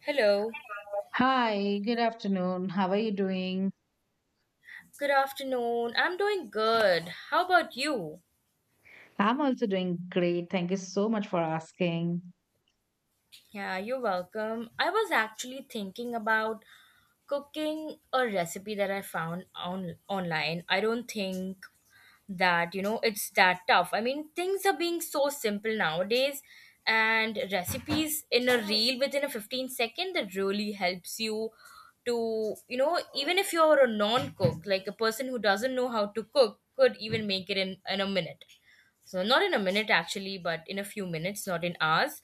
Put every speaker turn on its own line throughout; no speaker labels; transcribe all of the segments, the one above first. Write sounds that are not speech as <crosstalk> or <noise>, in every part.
Hello.
Hi, good afternoon. How are you doing?
Good afternoon. I'm doing good. How about you?
I'm also doing great. Thank you so much for asking.
Yeah, you're welcome. I was actually thinking about cooking a recipe that I found on online. I don't think that you know it's that tough. I mean things are being so simple nowadays, and recipes in a reel within a 15 second that really helps you to, you know, even if you're a non-cook, like a person who doesn't know how to cook could even make it in a minute. So not in a minute actually, but in a few minutes, not in hours.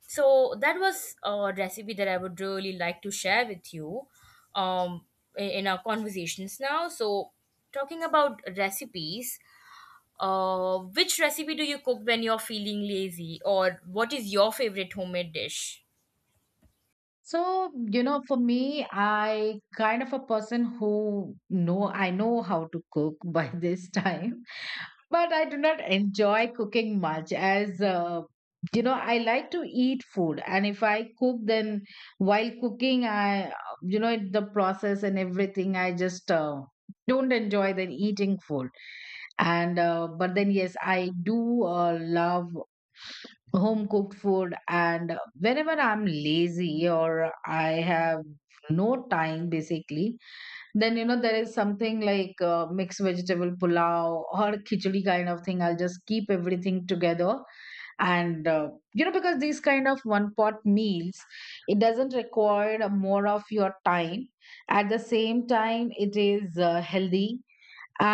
So that was a recipe that I would really like to share with you um in our conversations now. So talking about recipes, which recipe do you cook when you're feeling lazy, or what is your favorite homemade dish?
So, you know, for me, I kind of a person who know I know how to cook by <laughs> this time, but I do not enjoy cooking much as you know, I like to eat food, and if I cook, then while cooking, I the process and everything, I just don't enjoy then eating food. And but then yes I do love home cooked food. And whenever I'm lazy or I have no time basically, then you know there is something like mixed vegetable pulao or khichdi kind of thing. I'll just keep everything together and you know, because these kind of one pot meals, it doesn't require more of your time. At the same time, it is healthy,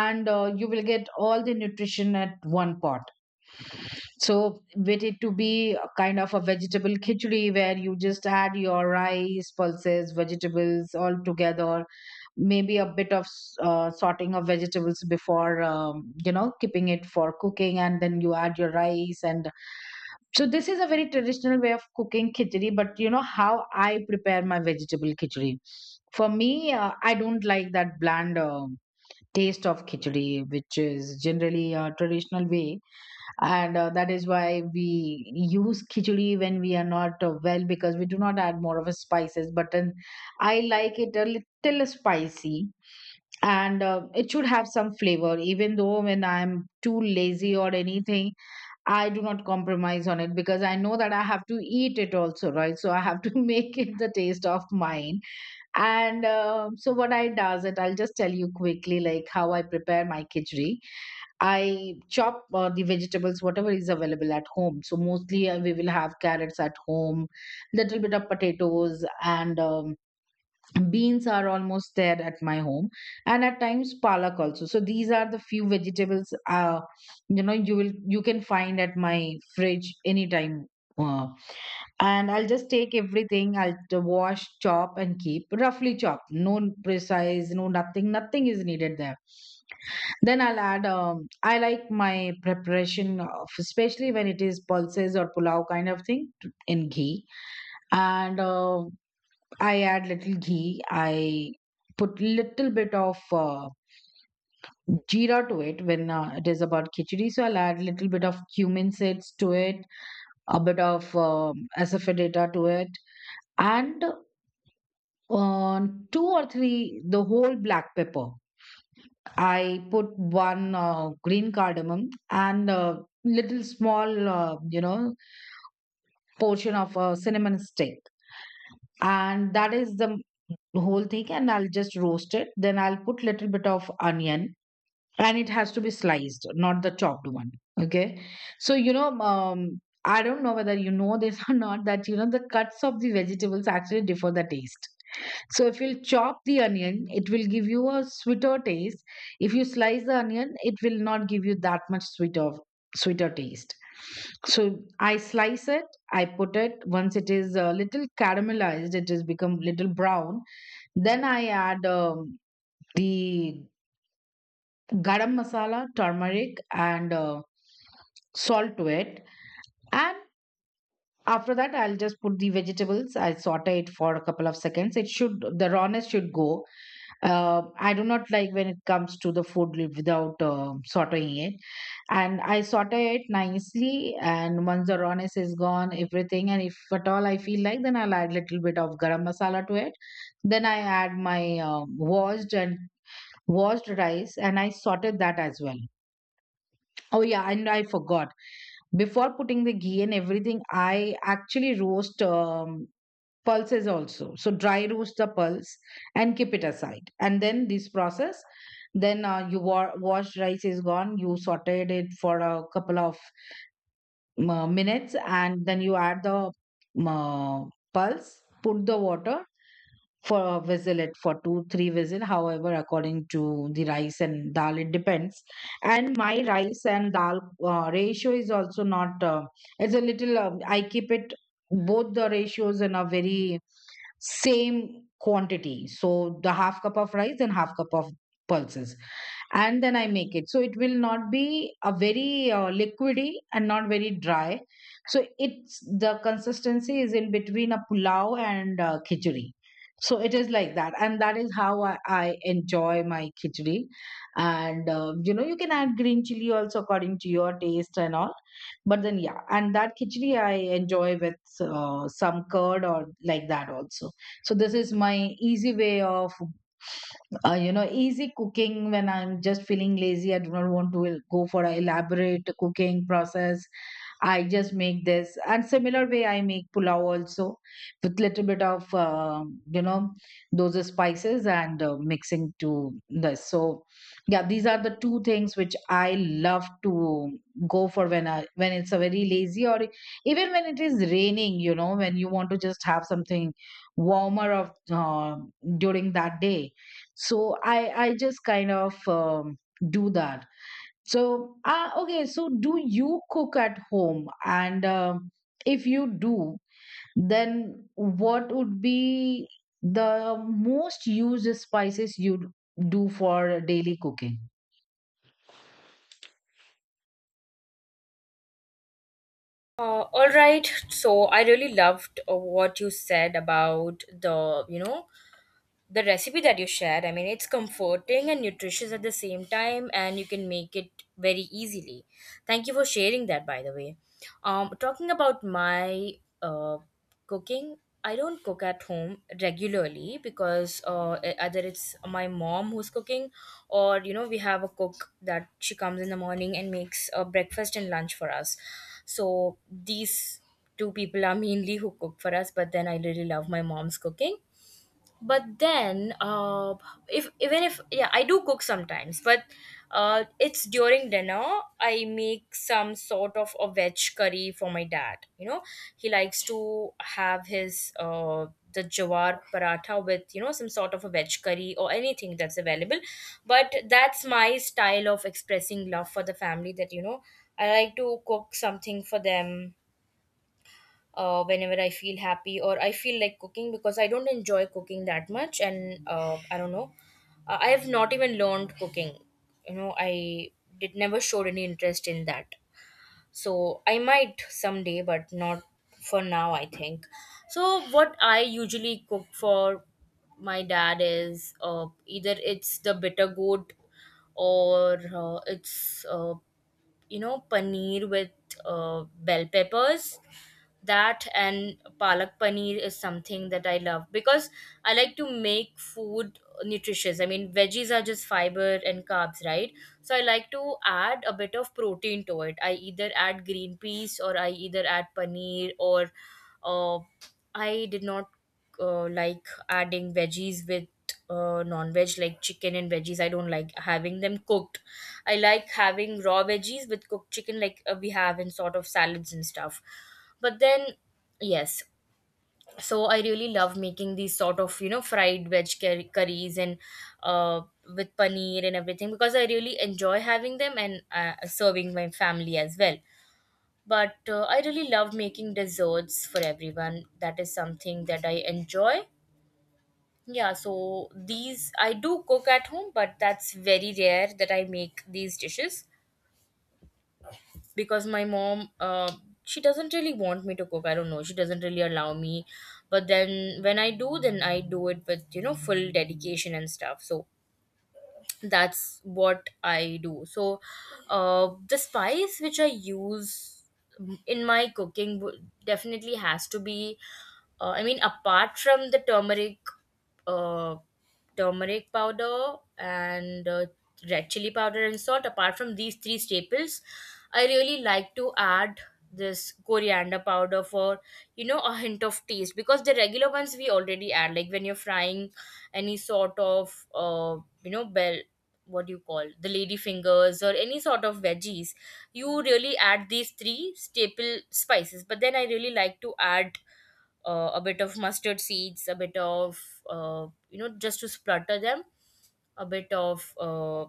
and you will get all the nutrition at one pot. So, with it to be a kind of a vegetable khichdi where you just add your rice, pulses, vegetables all together, maybe a bit of sorting of vegetables before, you know, keeping it for cooking, and then you add your rice. And so, this is a very traditional way of cooking khichdi, but you know how I prepare my vegetable khichdi. For me, I don't like that bland taste of khichdi, which is generally a traditional way. And that is why we use khichdi when we are not well, because we do not add more of a spices. But then I like it a little spicy, and it should have some flavor. Even though when I'm too lazy or anything, I do not compromise on it because I know that I have to eat it also, right? So I have to <laughs> make it the taste of mine. And so what I does it, I'll just tell you quickly like how I prepare my khichdi. I chop the vegetables, whatever is available at home. So mostly we will have carrots at home, little bit of potatoes, and beans are almost there at my home, and at times palak also. So these are the few vegetables you know, you can find at my fridge anytime. Uh, and I'll just take everything. I'll wash, chop, and keep roughly chopped. No precise, no nothing. Nothing is needed there. Then I'll add. I like my preparation, of, especially when it is pulses or pulao kind of thing in ghee. And I add little ghee. I put little bit of jeera to it when it is about khichdi. So I'll add little bit of cumin seeds to it, a bit of asafoetida to it, and on two or three the whole black pepper. I put one green cardamom and a little small you know, portion of a cinnamon stick, and that is the whole thing. And I'll just roast it. Then I'll put little bit of onion, and it has to be sliced, not the chopped one. Okay, so you know, I don't know whether you know this <laughs> or not, that you know the cuts of the vegetables actually differ the taste. So if you'll chop the onion, it will give you a sweeter taste. If you slice the onion, it will not give you that much sweeter taste. So I slice it. I put it, once it is a little caramelized, it has become little brown. Then I add the garam masala, turmeric, and salt to it. And after that, I'll just put the vegetables. I saute it for a couple of seconds. It should the rawness should go. I do not like when it comes to the food without sauteing it. And I saute it nicely, and once the rawness is gone, everything, and if at all I feel like, then I'll add little bit of garam masala to it. Then I add my washed rice, and I sauteed that as well. Oh yeah, and I forgot, before putting the ghee and everything, I actually roast pulses also. So dry roast the pulse and keep it aside, and then this process. Then you washed rice is gone. You sauteed it for a couple of minutes, and then you add the um, uh, pulse. Put the water for 2-3 vessel, however, according to the rice and dal, it depends. And my rice and dal ratio is also not it's a little I keep it, both the ratios in a very same quantity. So the half cup of rice and half cup of pulses, and then I make it so it will not be a very liquidy and not very dry. So it's the consistency is in between a pulao and khichdi. So it is like that, and that is how I enjoy my khichdi. And you know, you can add green chili also according to your taste and all. But then, yeah, and that khichdi I enjoy with some curd or like that also. So this is my easy way of you know, easy cooking when I'm just feeling lazy. I do not want to go for an elaborate cooking process. I just make this, and similar way I make pulao also with little bit of you know, those spices and mixing to this. So yeah, these are the two things which I love to go for when I when it's a very lazy, or even when it is raining. You know, when you want to just have something warmer of during that day. So I just kind of do that. So, okay. So, do you cook at home? And if you do, then what would be the most used spices you do for daily cooking?
All right. So I really loved what you said about the, you know, the recipe that you shared. I mean, it's comforting and nutritious at the same time, and you can make it very easily. Thank you for sharing that, by the way. Talking about my uh, cooking, I don't cook at home regularly because either it's my mom who's cooking, or you know, we have a cook that she comes in the morning and makes breakfast and lunch for us. So these two people are <laughs> mainly who cook for us, but then I really love my mom's cooking. But then uh if even if yeah, I do cook sometimes, but it's during dinner. I make some sort of a veg curry for my dad. You know, he likes to have his the jawar paratha with, you know, some sort of a veg curry or anything that's available. But that's my style of expressing love for the family, that you know, I like to cook something for them whenever I feel happy or I feel like cooking, because I don't enjoy cooking that much. And I don't know, I have not even learned cooking. You know, I did never showed any interest in that. So I might someday, but not for now, I think. So what I usually cook for my dad is either it's the bitter gourd, or it's you know, paneer with bell peppers. That and palak paneer is something that I love, because I like to make food nutritious. I mean, veggies are just fiber and carbs, right? So I like to add a bit of protein to it. I either add green peas, or I either add paneer, or uh, I did not like adding veggies with non-veg, like chicken and veggies, I don't like having them cooked. I like having raw veggies with cooked chicken, like we have in sort of salads and stuff. But then, yes, so I really love making these sort of, you know, curries, and uh, with paneer and everything, because I really enjoy having them and serving my family as well. But I really love making desserts for everyone. That is something that I enjoy. Yeah, so these I do cook at home, but that's very rare that I make these dishes, because my mom, she doesn't really want me to cook. I don't know, she doesn't really allow me. But then when I do, then I do it with, you know, full dedication and stuff. So that's what I do. So the spice which I use in my cooking definitely has to be, I mean, apart from the turmeric, uh, turmeric powder and red chili powder and salt, apart from these three staples, I really like to add this coriander powder for, you know, a hint of taste, because the regular ones we already add like when you're frying any sort of you know, bell, what do you call, the lady fingers or any sort of veggies, you really add these three staple spices. But then I really like to add a bit of mustard seeds, a bit of you know, just to splutter them, a bit of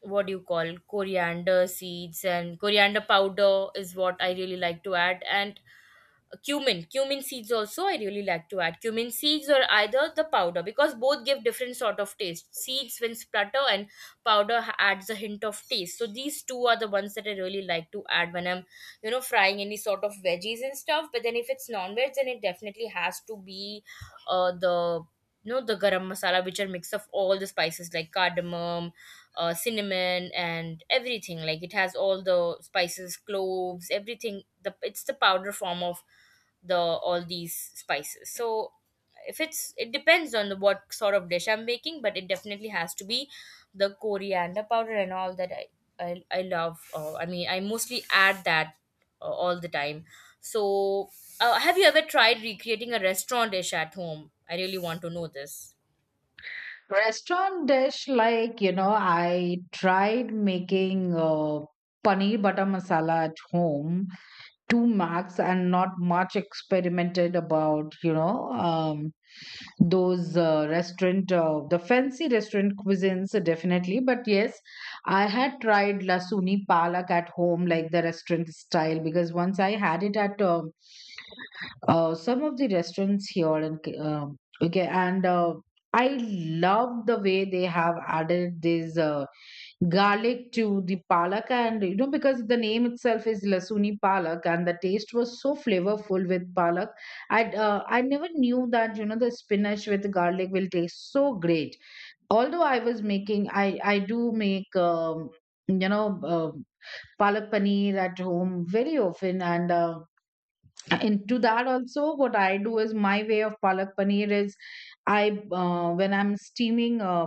what do you call, coriander seeds and coriander powder is what I really like to add. And cumin seeds also, I really like to add cumin seeds or either the powder, because both give different sort of taste. Seeds when splutter and powder adds a hint of taste. So these two are the ones that I really like to add when I'm, you know, frying any sort of veggies and stuff. But then if it's non-veg, then it definitely has to be the, you know, the garam masala, which are mix of all the spices like cardamom, cinnamon and everything. Like it has all the spices, cloves, everything. The it's the powder form of the all these spices. So if it's, it depends on the, what sort of dish I'm making, but it definitely has to be the coriander powder. And all that I love. I mean, I mostly add that all the time. So have you ever tried recreating a restaurant dish at home? I really want to know this.
Restaurant dish, like, you know, I tried making paneer butter masala at home, two max, and not much experimented about, you know, those restaurant the fancy restaurant cuisines, definitely. But yes, I had tried lasuni palak at home like the restaurant style, because once I had it at some of the restaurants here in okay. And I love the way they have added these garlic to the palak, and you know, because the name itself is lasuni palak, and the taste was so flavorful with palak. I never knew that, you know, the spinach with garlic will taste so great. Although I was making, I do make you know, um palak paneer at home very often, and into that also, what I do is, my way of palak paneer is, I when I'm steaming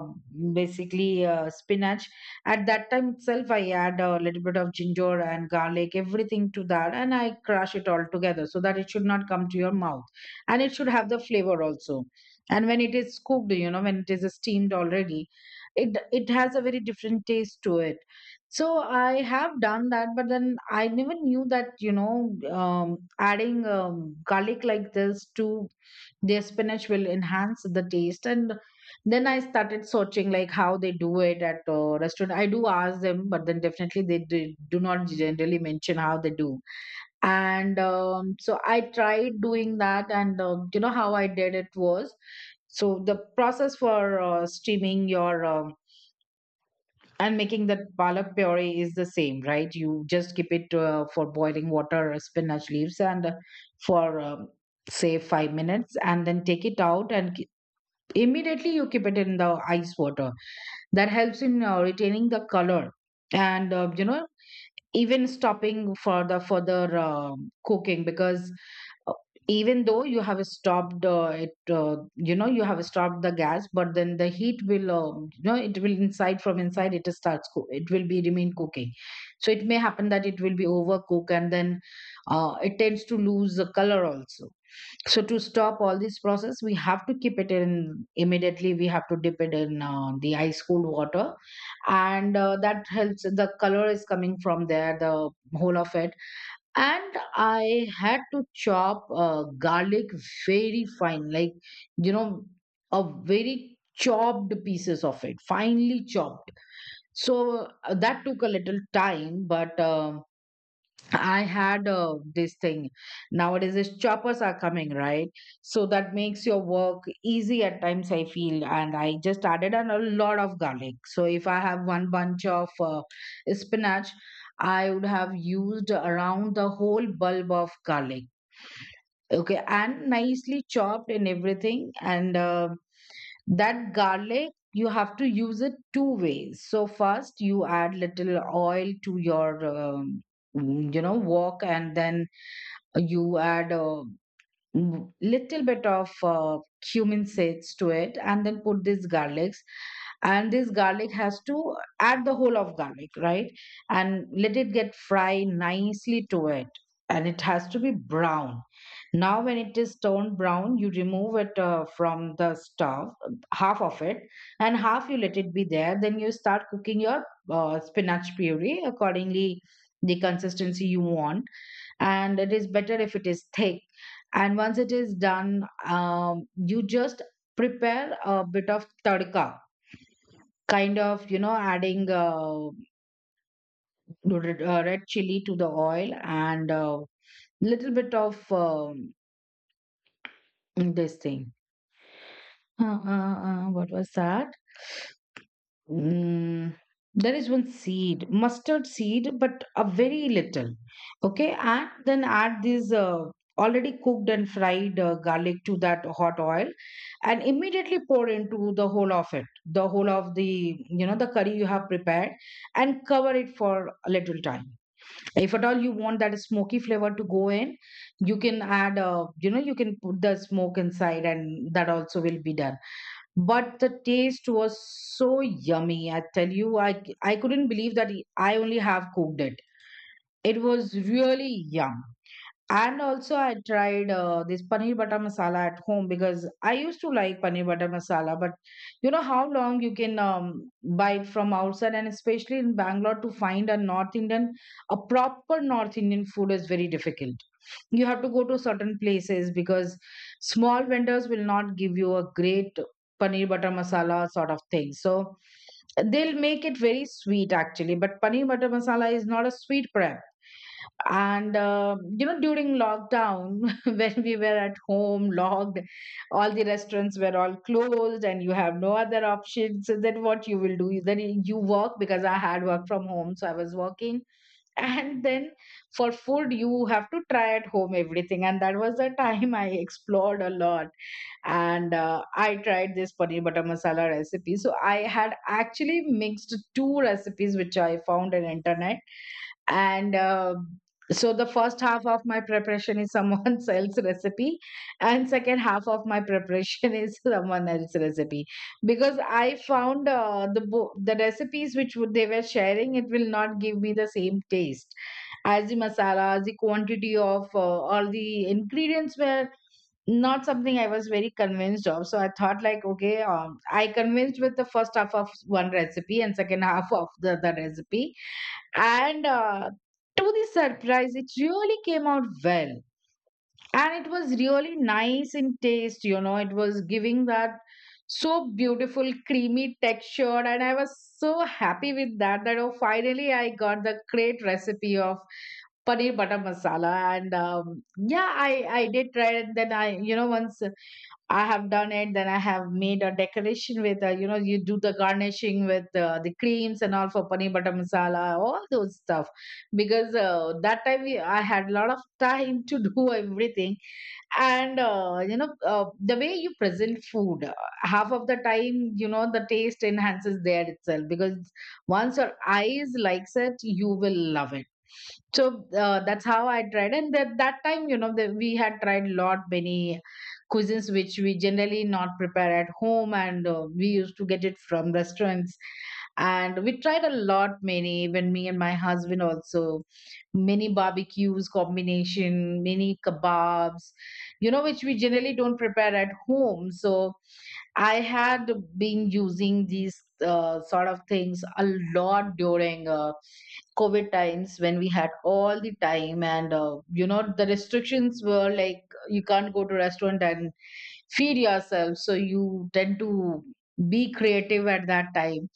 basically spinach, at that time itself I add a little bit of ginger and garlic, everything, to that, and I crush it all together so that it should not come to your mouth, and it should have the flavor also. And when it is cooked, you know, when it is steamed already, it has a very different taste to it. So I have done that, but then I never knew that, you know, adding garlic like this to their spinach will enhance the taste. And then I started searching, like how they do it at a restaurant. I do ask them, but then definitely they do not generally mention how they do. And so I tried doing that, and you know how I did it was, so the process for steaming your and making that palak puree is the same, right? You just keep it for boiling water, spinach leaves, and for say 5 minutes, and then take it out and immediately you keep it in the ice water. That helps in retaining the color, and you know, even stopping for the further cooking, because uh, even though you have stopped it, you know, you have stopped the gas, but then the heat will you know, it will inside, from inside it starts cook, it will be remain cooking. So it may happen that it will be overcooked, and then it tends to lose the color also. So to stop all this process, we have to keep it in immediately we have to dip it in the ice cold water. And that helps, the color is coming from there, the whole of it. And I had to chop garlic very fine, like, you know, a very chopped pieces of it, finely chopped. So that took a little time, but I had this thing. Nowadays, is choppers are coming, right? So that makes your work easy at times, I feel. And I just added on a lot of garlic. So if I have one bunch of spinach, I would have used around the whole bulb of garlic. Okay. And nicely chopped and everything. And that garlic, you have to use it two ways. So first, you add little oil to your. Wok and then you add little bit of cumin seeds to it and then put these garlics, and this garlic has to add the whole of garlic, right, and let it get fried nicely to it, and it has to be brown. Now when it is turned brown, you remove it from the stove. Half of it, and half you let it be there. Then you start cooking your spinach puree accordingly the consistency you want, and it is better if it is thick. And once it is done, you just prepare a bit of tadka, kind of, you know, adding red, red chili to the oil, and little bit of this thing. What was that? Mm, there is one seed, mustard seed, but a very little. Okay, and then add this already cooked and fried garlic to that hot oil, and immediately pour into the whole of it, the whole of the, you know, the curry you have prepared, and cover it for a little time. If at all you want that smoky flavor to go in, you can add, you know, you can put the smoke inside, and that also will be done. But the taste was so yummy, I tell you, I couldn't believe that I only have cooked it. It was really yum. And also I tried this paneer butter masala at home, because I used to like paneer butter masala. But you know how long you can buy it from outside, and especially in Bangalore, to find a North Indian, a proper North Indian food is very difficult. You have to go to certain places because small vendors will not give you a great paneer butter masala sort of thing. So they'll make it very sweet actually, but paneer butter masala is not a sweet prep. And you know, during lockdown, <laughs> when we were at home locked, all the restaurants were all closed and you have no other option. So then what you will do? Then you work, because I had work from home, so I was working. And then for food you have to try at home everything, and that was the time I explored a lot. And I tried this paneer butter masala recipe. So I had actually mixed two recipes which I found on internet. And so the first half of my preparation is someone <laughs> else's recipe, and second half of my preparation is <laughs> someone else's recipe. Because I found the recipes which would, they were sharing, it will not give me the same taste, as the masalas, the quantity of all the ingredients were not something I was very convinced of. So I thought like, okay, I convinced with the first half of one recipe and second half of the other recipe. And to the surprise, it really came out well. And it was really nice in taste, you know, it was giving that so beautiful creamy texture. And I was so happy with that, that oh, finally I got the great recipe of paneer butter masala. And yeah, I did try it. And then I, you know, once I have done it, then I have made a decoration with, you know, you do the garnishing with the creams and all for paneer butter masala, all those stuff. Because that time I had a lot of time to <laughs> do everything. And, you know, the way you present food, half of the time, you know, the taste enhances there itself. Because once your eyes likes it, you will love it. So that's how I tried, and that time, you know, that we had tried lot many cuisines which we generally not prepare at home, and we used to get it from restaurants, and we tried a lot many. Even me and my husband also, many barbecues combination, many kebabs, you know, which we generally don't prepare at home. So I had been using these sort of things a lot during. COVID times when we had all the time, and you know, the restrictions were like you can't go to restaurant and feed yourself, so you tend to be creative at that time.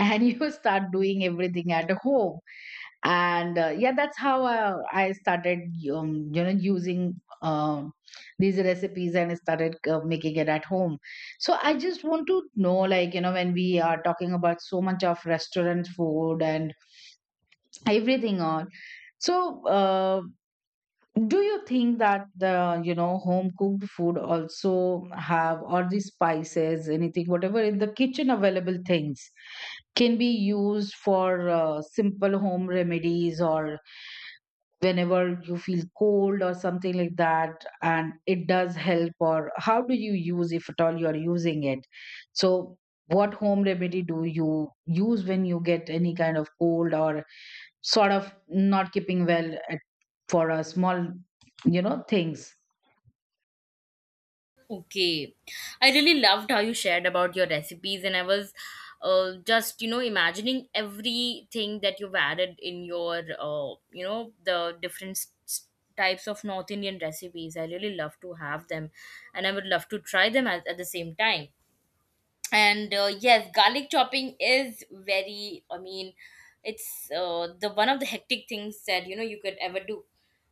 And <laughs> you start doing everything at home. And yeah, that's how I started you know, using um, these recipes and started making it at home. So I just want to know, like, you know, when we are talking about so much of restaurant food and everything on, so do you think that the, you know, home cooked food also have all the spices, anything whatever in the kitchen available things can be used for simple home remedies? Or whenever you feel cold or something like that, and it does help? Or how do you use, if at all you are using it? So what home remedy do you use when you get any kind of cold or sort of not keeping well at, for small, you know, things.
Okay. I really loved how you shared about your recipes, and I was just, you know, imagining everything that you've added in your, you know, the different types of North Indian recipes. I really love to have them, and I would love to try them at the same time. And yes, garlic chopping is very, I mean, it's the one of the hectic things that, you know, you could ever do.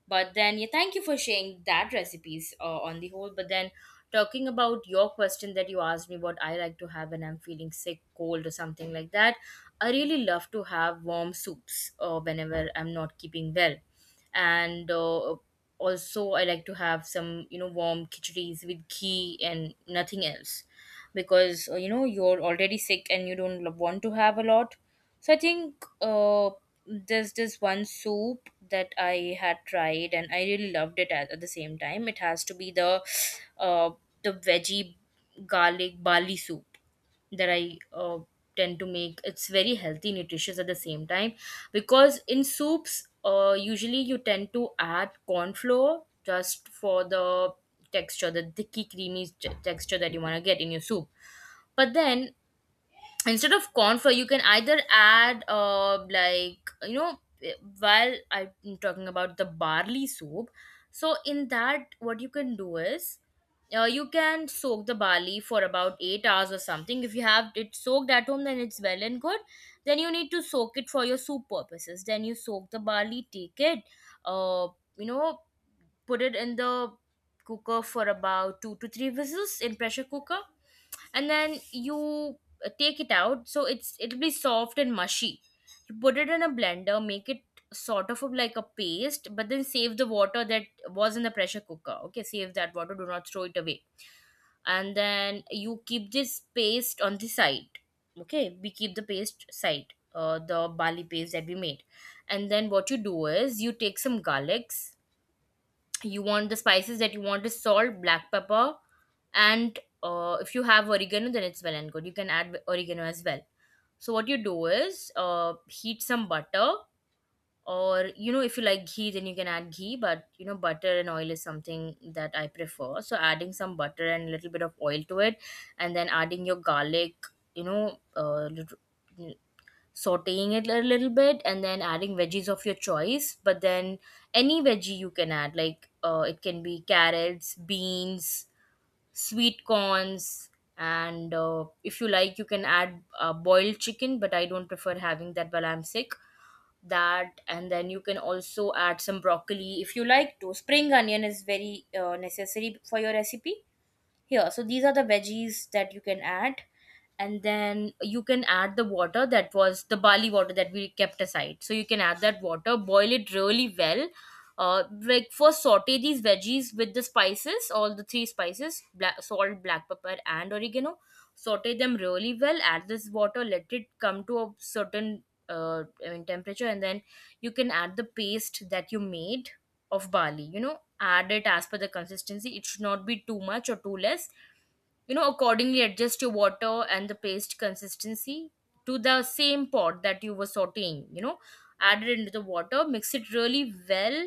But then, yeah, thank you for sharing that recipes on the whole. But then talking about your question that you asked me, what I like to have when I'm feeling sick, cold or something like that, I really love to have warm soups whenever I'm not keeping well. And also I like to have some, you know, warm khichdis with ghee and nothing else, because you know, you're already sick and you don't want to have a lot. So I think there's this one soup that I had tried, and I really loved it at the same time. It has to be uh, the veggie garlic barley soup that I tend to make. It's very healthy, nutritious at the same time, because in soups, usually you tend to add corn flour just for the texture, the thicky creamy texture that you want to get in your soup. But then, instead of corn flour, you can either add, uh, like, you know, while I'm talking about the barley soup. So in that, what you can do is, you can soak the barley for about 8 hours or something. If you have it soaked at home, then it's well and good. Then you need to soak it for your soup purposes. Then you soak the barley, take it, uh, you know, put it in the cooker for about 2 to 3 whistles in pressure cooker. And then you take it out. So it's, it'll be soft and mushy. You put it in a blender, make it sort of like a paste, but then save the water that was in the pressure cooker. Okay, save that water, do not throw it away. And then you keep this paste on the side. Okay, we keep the paste side, the barley paste that we made. And then what you do is, you take some garlics. You want the spices that you want is salt, black pepper, and if you have oregano, then it's well and good, you can add oregano as well. So what you do is, heat some butter, or you know, if you like ghee, then you can add ghee. But you know, butter and oil is something that I prefer. So adding some butter and a little bit of oil to it, and then adding your garlic. You know, sauteing it a little bit, and then adding veggies of your choice. But then any veggie you can add, like it can be carrots, beans, sweet corns, and if you like, you can add boiled chicken, but I don't prefer having that while I'm sick. That, and then you can also add some broccoli if you like to. Spring onion is very necessary for your recipe here. So these are the veggies that you can add, and then you can add the water that was the barley water that we kept aside. So you can add that water, boil it really well. Like first saute these veggies with the spices, all the three spices, black, salt, black pepper, and oregano. Saute them really well. Add this water, let it come to a certain temperature, and then you can add the paste that you made of barley, you know, add it as per the consistency. It should not be too much or too less. You know, accordingly adjust your water and the paste consistency to the same pot that you were sauteing, you know, add it into the water, mix it really well,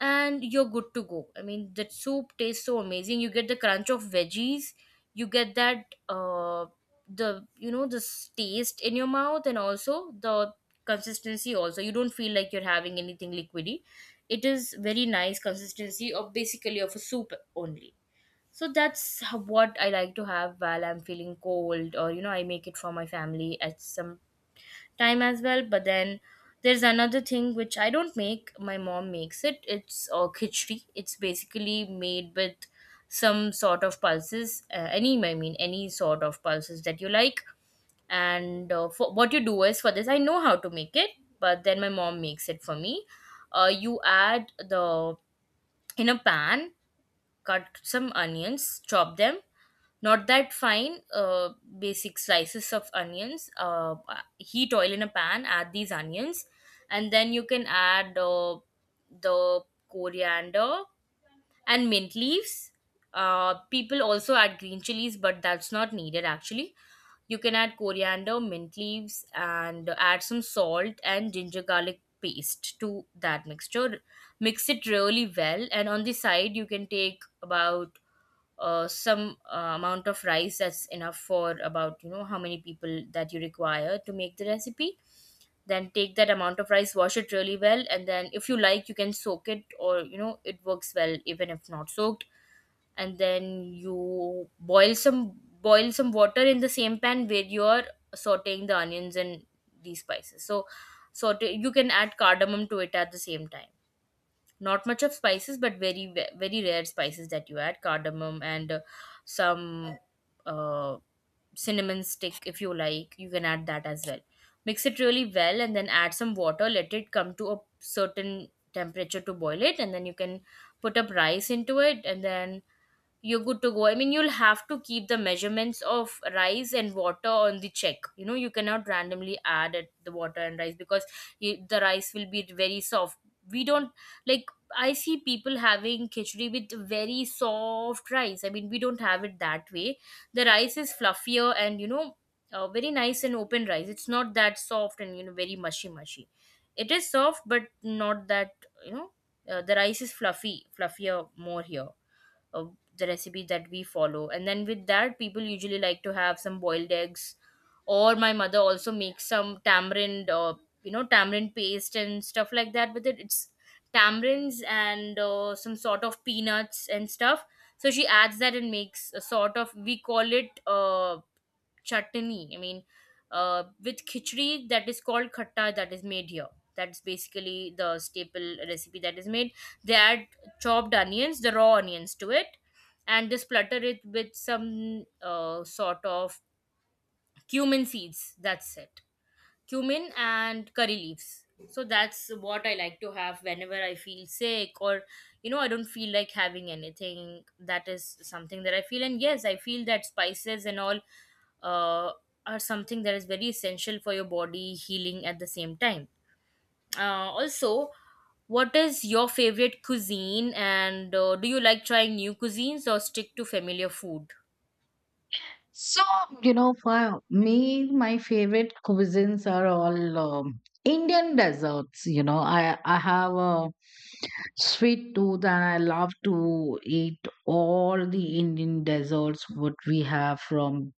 and you're good to go. I mean, the soup tastes so amazing. You get the crunch of veggies, you get that the you know this taste in your mouth, and also the consistency also. You don't feel like you're having anything liquidy. It is very nice consistency of basically of a soup only. So that's what I like to have while I'm feeling cold, or you know, I make it for my family at some time as well. But then there's another thing which I don't make, my mom makes it. It's khichdi. It's basically made with some sort of pulses, any sort of pulses that you like. And for, what you do is for this, I know how to make it, but then my mom makes it for me. You add the in a pan, cut some onions, chop them not that fine, basic slices of onions. Heat oil in a pan, add these onions, and then you can add the coriander and mint leaves. People also add green chilies, but that's not needed actually. You can add coriander mint leaves and add some salt and ginger garlic paste to that mixture. Mix it really well, and on the side you can take about some amount of rice that's enough for about, you know, how many people that you require to make the recipe. Then take that amount of rice, wash it really well, and then if you like you can soak it, or you know it works well even if not soaked. And then you boil some water in the same pan where you're sauteing the onions and these spices. So saute, you can add cardamom to it at the same time. Not much of spices, but very very rare spices that you add. Cardamom and some uh, cinnamon stick, if you like you can add that as well. Mix it really well and then add some water, let it come to a certain temperature to boil it, and then you can put up rice into it, and then you're good to go. I mean, you'll have to keep the measurements of rice and water on the check. You know, you cannot randomly add it, the water and rice, because you, the rice will be very soft. We don't like. I see people having khichdi with very soft rice. I mean, we don't have it that way. The rice is fluffier and you know, very nice and open rice. It's not that soft and you know very mushy mushy. It is soft, but not that, you know. The rice is fluffy, fluffier more here, uh, the recipe that we follow. And then with that, people usually like to have some boiled eggs, or my mother also makes some tamarind, you know, tamarind paste and stuff like that with it. It's tamarinds and some sort of peanuts and stuff, so she adds that and makes a sort of, we call it chutney. I mean, with khichdi that is called khatta, that is made here. That's basically the staple recipe that is made. They add chopped onions, the raw onions to it, and just splatter it with some sort of cumin seeds. That's it. Cumin and curry leaves. So that's what I like to have whenever I feel sick or you know I don't feel like having anything. That is something that I feel, and yes, I feel that spices and all uh, are something that is very essential for your body healing at the same time. Also, what is your favorite cuisine, and do you like trying new cuisines or stick to familiar food?
So, you know, for me, my favorite cuisines are all Indian desserts. You know, I have a sweet tooth and I love to eat all the Indian desserts, what we have, from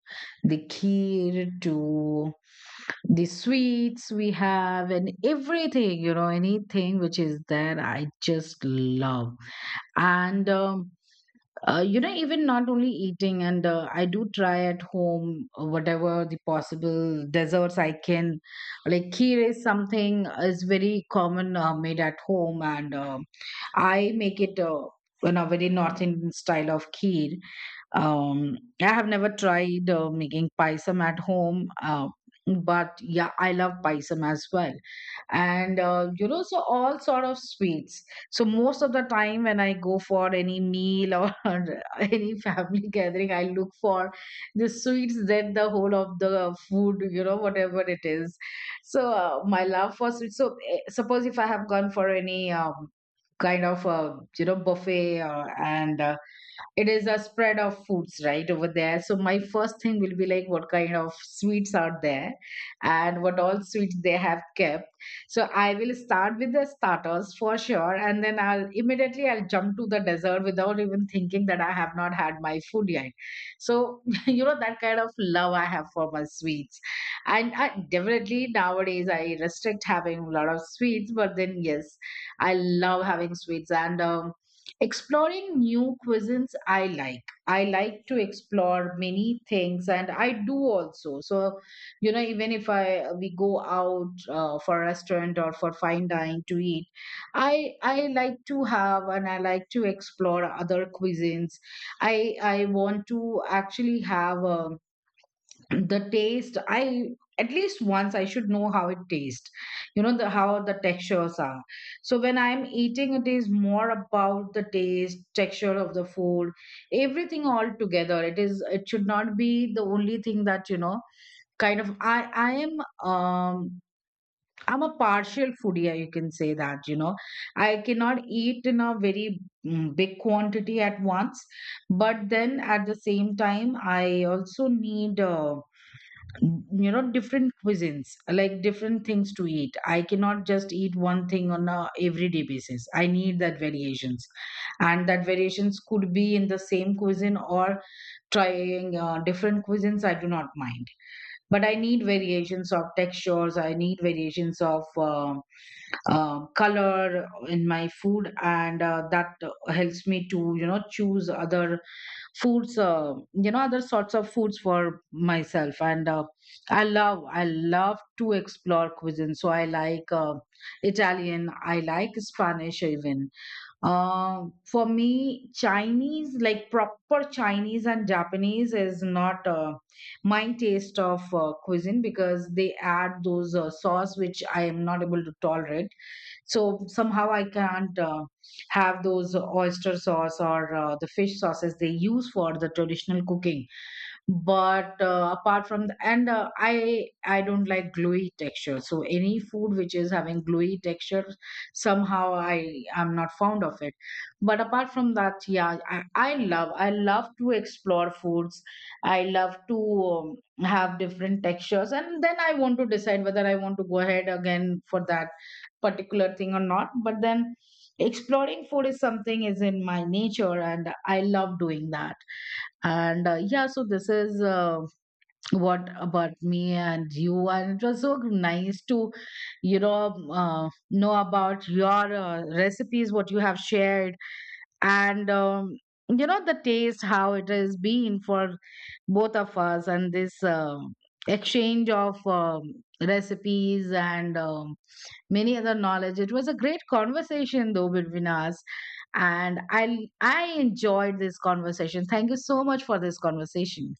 the kheer to the sweets we have and everything, you know, anything which is there, I just love. And you know, even not only eating, and I do try at home whatever the possible desserts I can. Like kheer is something is very common made at home. And I make it in a very North Indian style of kheer. I have never tried making paisam at home, but yeah, I love paisam as well. And you know, so all sort of sweets. So most of the time when I go for any meal or <laughs> any family gathering, I look for the sweets, that the whole of the food, you know, whatever it is. So my love for sweets. So suppose if I have gone for any kind of you know, buffet, and it is a spread of foods right over there. So my first thing will be like, what kind of sweets are there and what all sweets they have kept. So I will start with the starters for sure, and then I'll immediately, I'll jump to the dessert without even thinking that I have not had my food yet. So <laughs> you know, that kind of love I have for my sweets. And I, definitely nowadays I restrict having a lot of sweets, but then yes, I love having sweets. And exploring new cuisines, I like to explore many things, and I do also. So you know, even if I we go out for a restaurant or for fine dining to eat, I like to have, and I like to explore other cuisines. I want to actually have a the taste, I, at least once I should know how it tastes, you know, the how the textures are. So when I'm eating, it is more about the taste, texture of the food, everything all together. It is, it should not be the only thing that, you know, kind of I am um I'm a partial foodie, you can say that, you know. I cannot eat in a very big quantity at once, but then at the same time I also need you know, different cuisines, like different things to eat. I cannot just eat one thing on a everyday basis. I need that variations, and that variations could be in the same cuisine or trying different cuisines, I do not mind. But I need variations of textures, I need variations of color in my food. And that helps me to, you know, choose other foods, you know, other sorts of foods for myself. And I love to explore cuisine. So I like Italian, I like Spanish, even uh, for me Chinese, like proper Chinese and Japanese is not my taste of cuisine, because they add those sauce which I am not able to tolerate. So somehow I can't have those oyster sauce or the fish sauces they use for the traditional cooking. But apart from the, and I don't like gluey texture, so any food which is having gluey texture, somehow I'm not fond of it. But apart from that, yeah, I love, to explore foods. I love to have different textures, and then I want to decide whether I want to go ahead again for that particular thing or not. But then exploring food is something is in my nature, and I love doing that. And yeah, so this is what about me and you. And it was so nice to, you know about your recipes, what you have shared, and you know, the taste, how it has been for both of us, and this exchange of recipes and many other knowledge. It was a great conversation though between us. And I enjoyed this conversation. Thank you so much for this conversation.